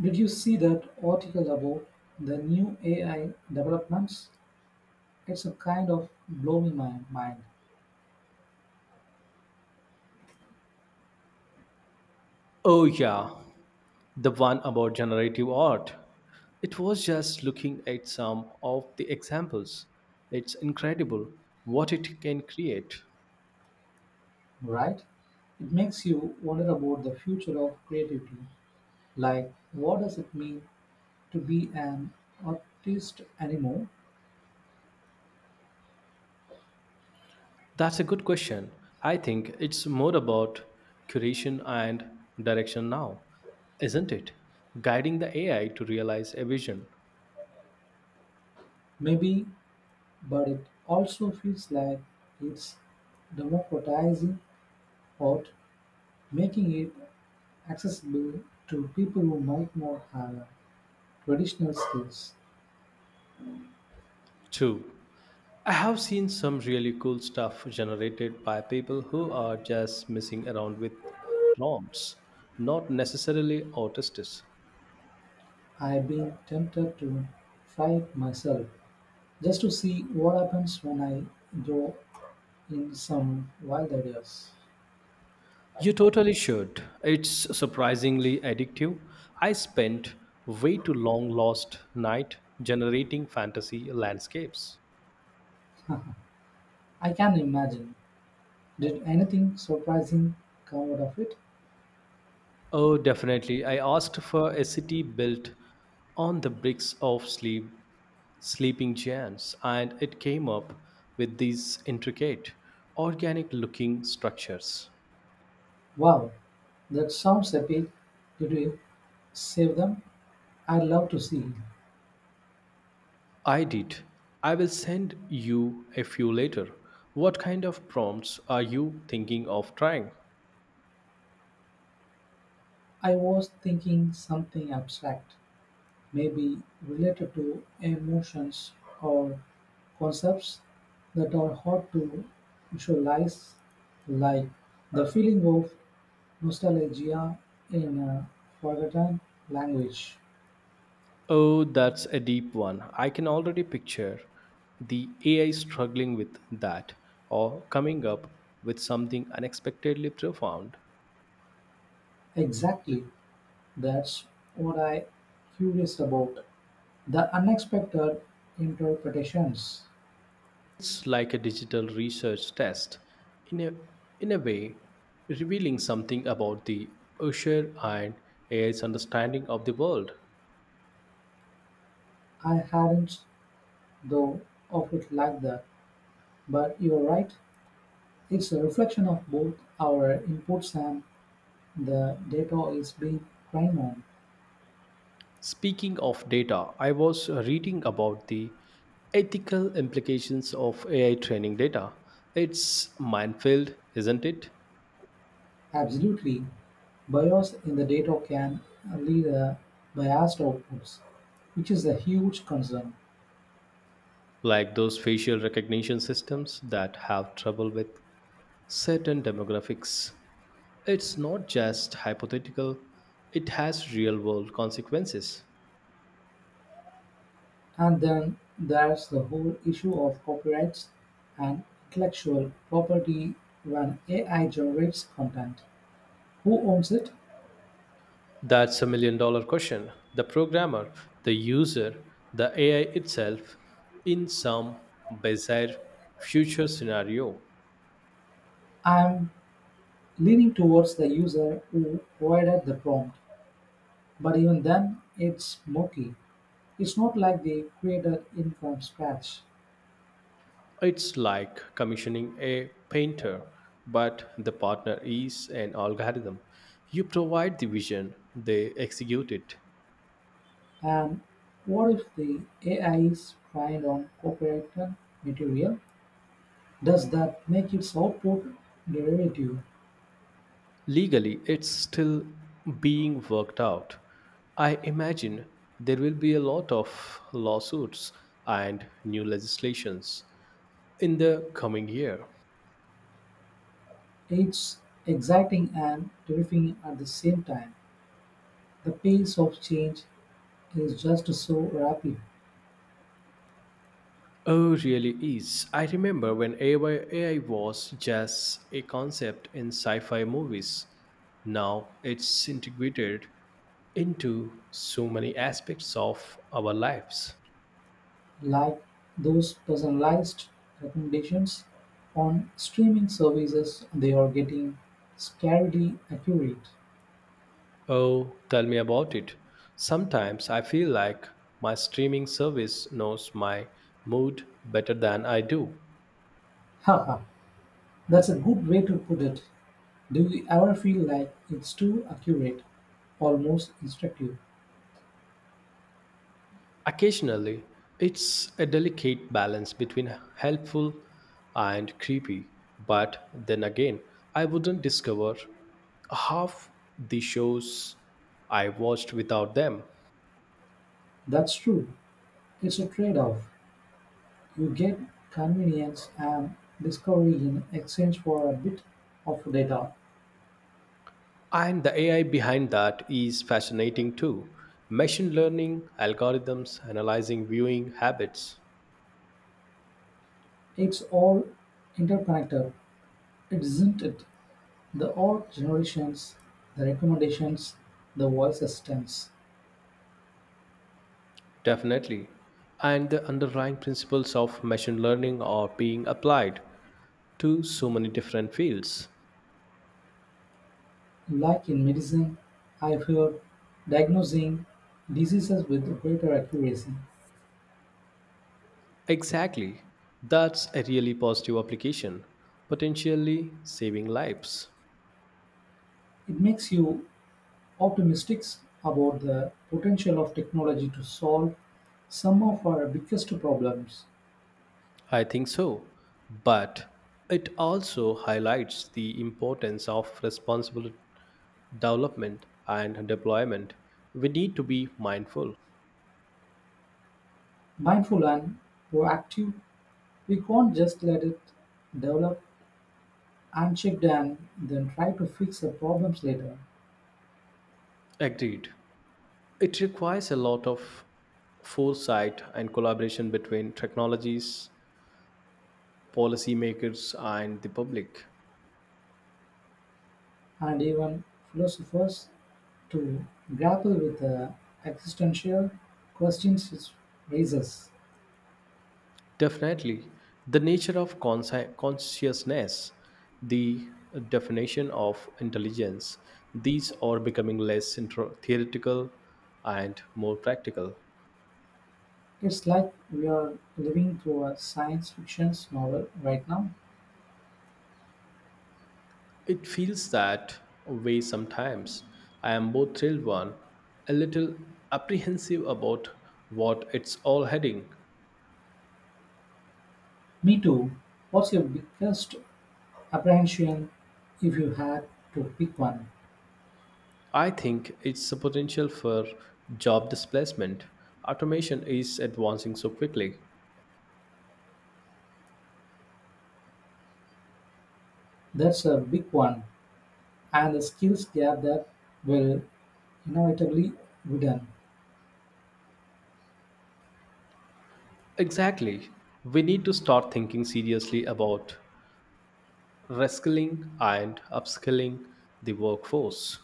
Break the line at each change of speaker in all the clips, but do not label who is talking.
Did you see that article about the new AI developments? It's a kind of blowing my mind,
Oh, yeah, the one about generative art. It was just looking at some of the examples. It's incredible what it can create.
right? It makes you wonder about the future of creativity. Like, what does it mean to be an artist anymore?
That's a good question. I think it's more about curation and direction now, isn't it? Guiding the AI to realize a vision.
Maybe, but it also feels like it's democratizing art, making it accessible to people who might not have traditional skills.
Two, I have seen some really cool stuff generated by people who are just messing around with prompts, not necessarily artists.
I've been tempted to try it myself, just to see what happens when I throw in some wild ideas.
You totally should. It's surprisingly addictive. I spent way too long last night generating fantasy landscapes.
I can imagine. Did anything surprising come out of it?
Oh, definitely. I asked for a city built on the bricks of sleep, sleeping giants, and it came up with these intricate, organic looking structures.
Wow, that sounds epic. Did you save them? I'd love to see.
I did. I will send you a few later. What kind of prompts are you thinking of trying?
I was thinking something abstract. May be related to emotions or concepts that are hard to visualize, like the feeling of nostalgia in a forgotten language.
Oh, that's a deep one. I can already picture the AI struggling with that or coming up with something unexpectedly profound.
Exactly, that's what I curious about. The unexpected interpretations.
It's like a digital research test, in a, in a way, revealing something about the Usher and AI's understanding of the world.
I hadn't though of it like that, but you're right. It's a reflection of both our inputs and the data is being trained on.
Speaking of data, I was reading about the ethical implications of AI training data. It's minefield, isn't it?
Absolutely, bias in the data can lead a biased outputs, which is a huge concern.
Like those facial recognition systems that have trouble with certain demographics. It's not just hypothetical, it has real world consequences.
And then there's the whole issue of copyrights and intellectual property when AI generates content. Who owns it?
That's a million dollar question. The programmer, the user, the AI itself, in some bizarre future scenario.
I'm leaning towards the user who provided the prompt, but even then, it's murky. It's not like they created it from scratch.
It's like commissioning a painter, but the partner is an algorithm. You provide the vision, they execute it.
And what if the AI is trained on copyrighted material? Does that make its output derivative?
Legally, it's still being worked out. I imagine there will be a lot of lawsuits and new legislations in the coming year.
It's exciting and terrifying at the same time. The pace of change is just so rapid,
Oh, really is. I remember when AI, was just a concept in sci fi movies. Now it's integrated into so many aspects of our lives.
like those personalized recommendations on streaming services, they are getting scarily accurate.
Oh, tell me about it. Sometimes I feel like my streaming service knows my mood better than I do.
Haha, that's a good way to put it. Do we ever feel like it's too accurate, almost instructive?
Occasionally, it's a delicate balance between helpful and creepy, but then again, I wouldn't discover half the shows I watched without them.
That's true. It's a trade off. You get convenience and discovery in exchange for a bit of data.
And the AI behind that is fascinating too. Machine learning, algorithms, analyzing viewing habits.
It's all interconnected, isn't it? The old generations, the recommendations, the voice assistants.
Definitely. And the underlying principles of machine learning are being applied to so many different fields.
Like in medicine, I've heard diagnosing diseases with greater accuracy.
Exactly. That's a really positive application, potentially saving lives.
It makes you optimistic about the potential of technology to solve some of our biggest problems.
I think so. But it also highlights the importance of responsible development and deployment. We need to be mindful.
Mindful and proactive, we can't just let it develop unchecked and then try to fix the problems later.
Agreed. It requires a lot of foresight and collaboration between technologies policymakers and the public.
And even philosophers to grapple with the existential questions it raises.
Definitely, the nature of consciousness, the definition of intelligence, these are becoming less theoretical and more practical.
It's like we are living through a science fiction novel right now.
It feels that way sometimes. I am both thrilled one, a little apprehensive about what it's all heading.
Me too. What's your biggest apprehension, if you had to pick one?
I think it's the potential for job displacement. Automation is advancing so quickly.
That's a big one, and the skills gap that will inevitably widen.
Exactly. We need to start thinking seriously about reskilling and upskilling the workforce.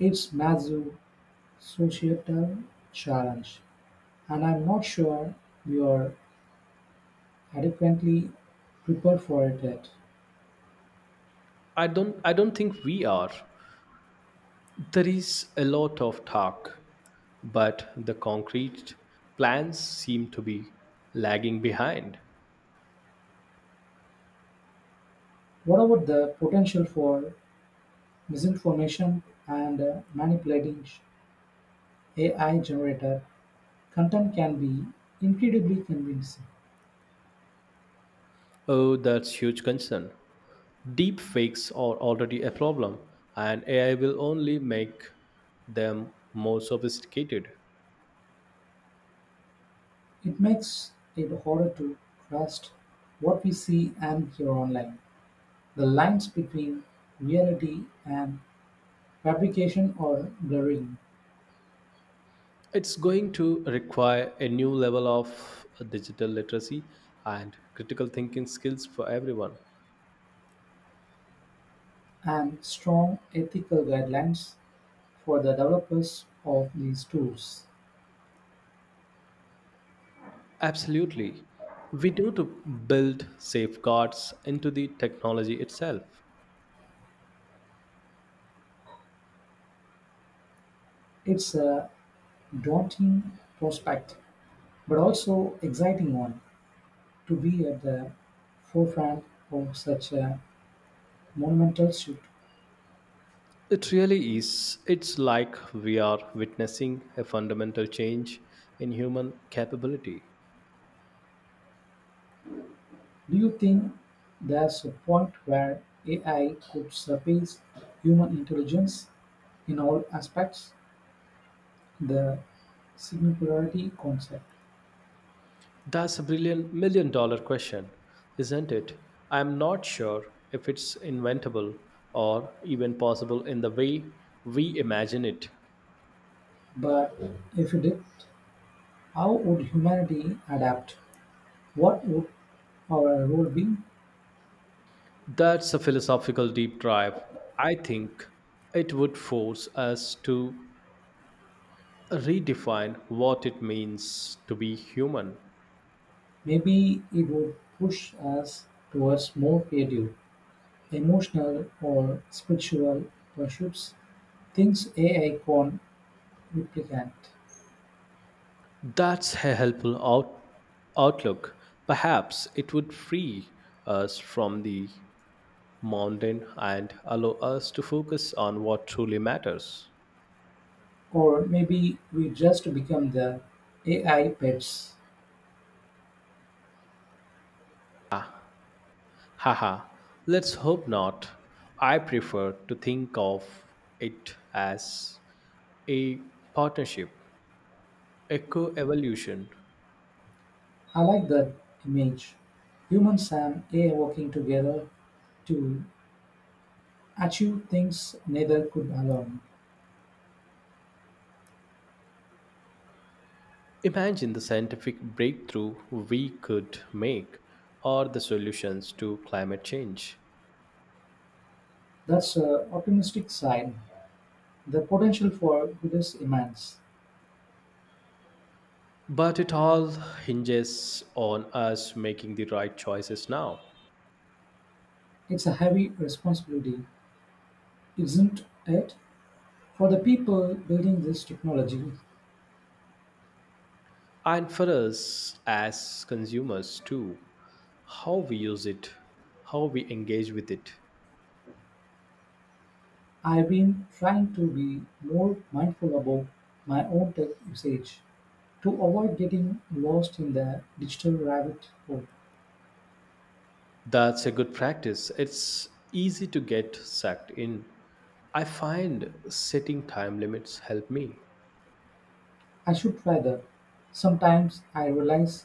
It's massive societal challenge, and I'm not sure we are adequately prepared for it yet.
I don't think we are. There is a lot of talk, but the concrete plans seem to be lagging behind.
What about the potential for misinformation and manipulating AI generated content can be incredibly convincing?
Oh, that's huge concern. Deep fakes are already a problem, and AI will only make them more sophisticated.
It makes it harder to trust what we see and hear online. The lines between reality and fabrication are blurring,
It's going to require a new level of digital literacy and critical thinking skills for everyone.
and strong ethical guidelines for the developers of these tools.
Absolutely. We need to build safeguards into the technology itself.
It's a daunting prospect, but also exciting one to be at the forefront of such a monumental shift.
It really is. It's like we are witnessing a fundamental change in human capability.
Do you think there's a point where AI could surpass human intelligence in all aspects? The singularity concept.
That's a brilliant million dollar question, isn't it? I'm not sure if it's inventable or even possible in the way we imagine it.
But if it did, how would humanity adapt? What would our role be?
That's a philosophical deep dive. I think it would force us to redefine what it means to be human.
Maybe it would push us towards more creative, emotional, or spiritual pursuits, things AI can't replicate.
That's a helpful outlook. Perhaps it would free us from the mountain and allow us to focus on what truly matters.
Or maybe we just become the AI pets.
Haha, let's hope not. I prefer to think of it as a partnership, a co evolution.
I like that image. Humans and AI working together to achieve things neither could alone.
Imagine the scientific breakthrough we could make or the solutions to climate change.
That's a optimistic side. The potential for good is immense.
But it all hinges on us making the right choices now.
It's a heavy responsibility, isn't it? For the people building this technology.
And for us as consumers too, how we use it, how we engage with it.
I've been trying to be more mindful about my own tech usage to avoid getting lost in the digital rabbit hole.
That's a good practice. It's easy to get sucked in. I find setting time limits help me.
I should try that. Sometimes I realize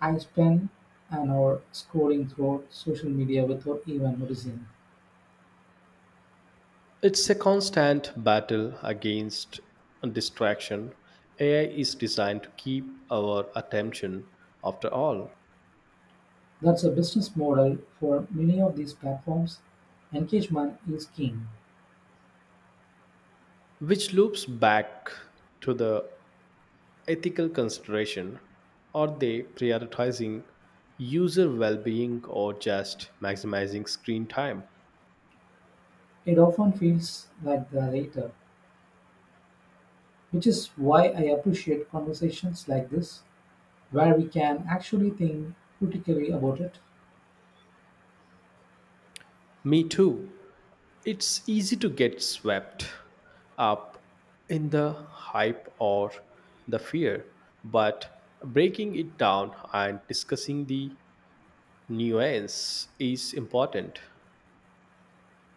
I spend an hour scrolling through social media without even noticing.
It's a constant battle against distraction. AI is designed to keep our attention, after all,
That's a business model for many of these platforms. Engagement is king.
which loops back to the ethical consideration. Are they prioritizing user well being or just maximizing screen time?
It often feels like the latter, which is why I appreciate conversations like this, where we can actually think critically about it.
Me too. It's easy to get swept up in the hype or the fear, but breaking it down and discussing the nuance is important.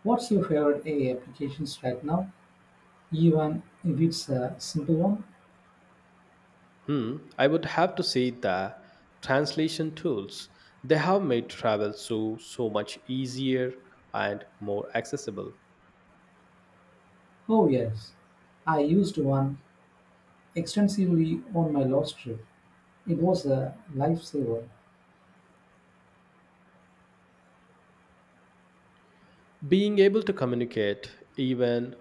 What's your favorite AI applications right now, even if it's a simple one?
Hmm, I would have to say the translation tools they have made travel so much easier and more accessible.
Oh, yes, I used one extensively on my last trip. It was a lifesaver.
Being able to communicate even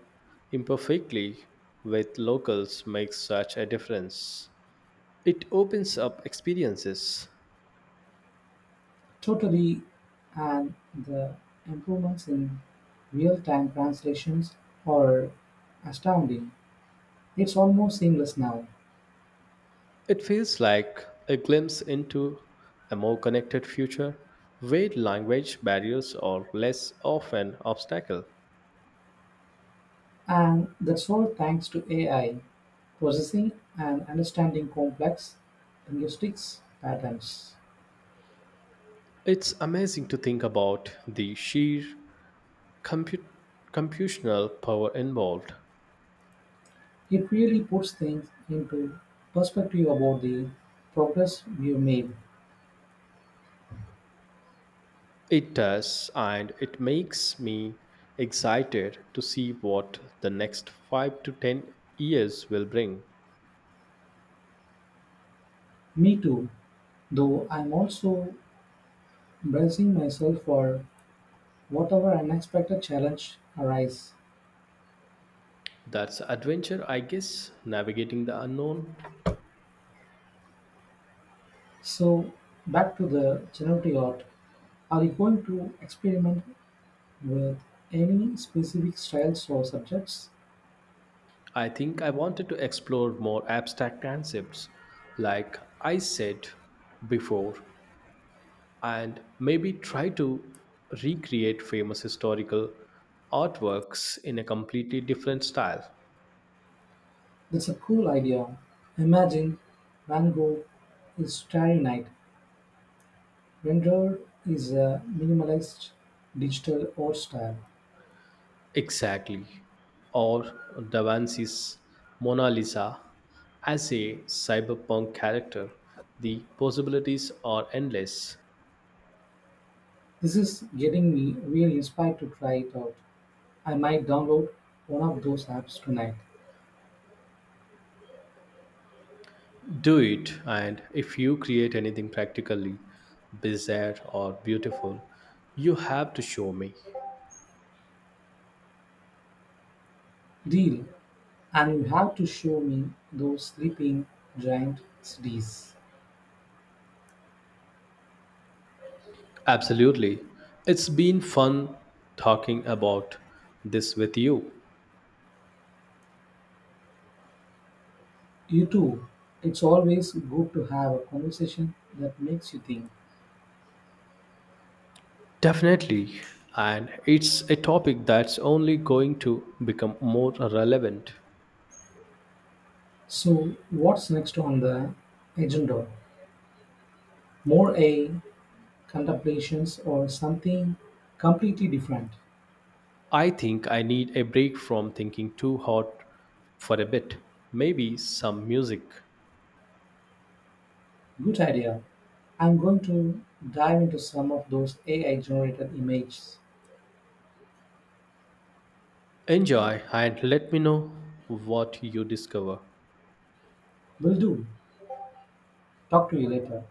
imperfectly with locals makes such a difference. It opens up experiences.
Totally, and the improvements in real time translations are astounding. It's almost seamless now,
It feels like a glimpse into a more connected future where language barriers are less of an obstacle.
and that's all thanks to AI. Processing and understanding complex linguistics patterns,
It's amazing to think about the sheer comput- computational power involved.
it really puts things into perspective about the progress we've made.
It does, and it makes me excited to see what the next 5 to 10 years will bring.
Me too, though I'm also bracing myself for whatever unexpected challenge arise.
That's adventure, I guess, navigating the unknown.
So back to the generative art. Are you going to experiment with any specific styles or subjects?
I think I wanted to explore more abstract concepts, like I said before, and maybe try to recreate famous historical artworks in a completely different style.
That's a cool idea. Imagine Van Gogh is Starry Night Render is a minimalist digital art style.
Exactly. Or Da Vinci's Mona Lisa as a cyberpunk character. The possibilities are endless.
This is getting me really inspired to try it out. I might download one of those apps tonight.
Do it, and if you create anything practically bizarre or beautiful, you have to show me.
Deal. And you have to show me those sleeping giant cities.
Absolutely. It's been fun talking about this with you.
You too. It's always good to have a conversation that makes you think.
Definitely. And it's a topic that's only going to become more relevant.
So, what's next on the agenda? More a contemplations or something completely different?
I think I need a break from thinking too hard for a bit. Maybe some music.
Good idea. I'm going to dive into some of those AI generated images.
Enjoy and let me know what you discover.
Will do. Talk to you later.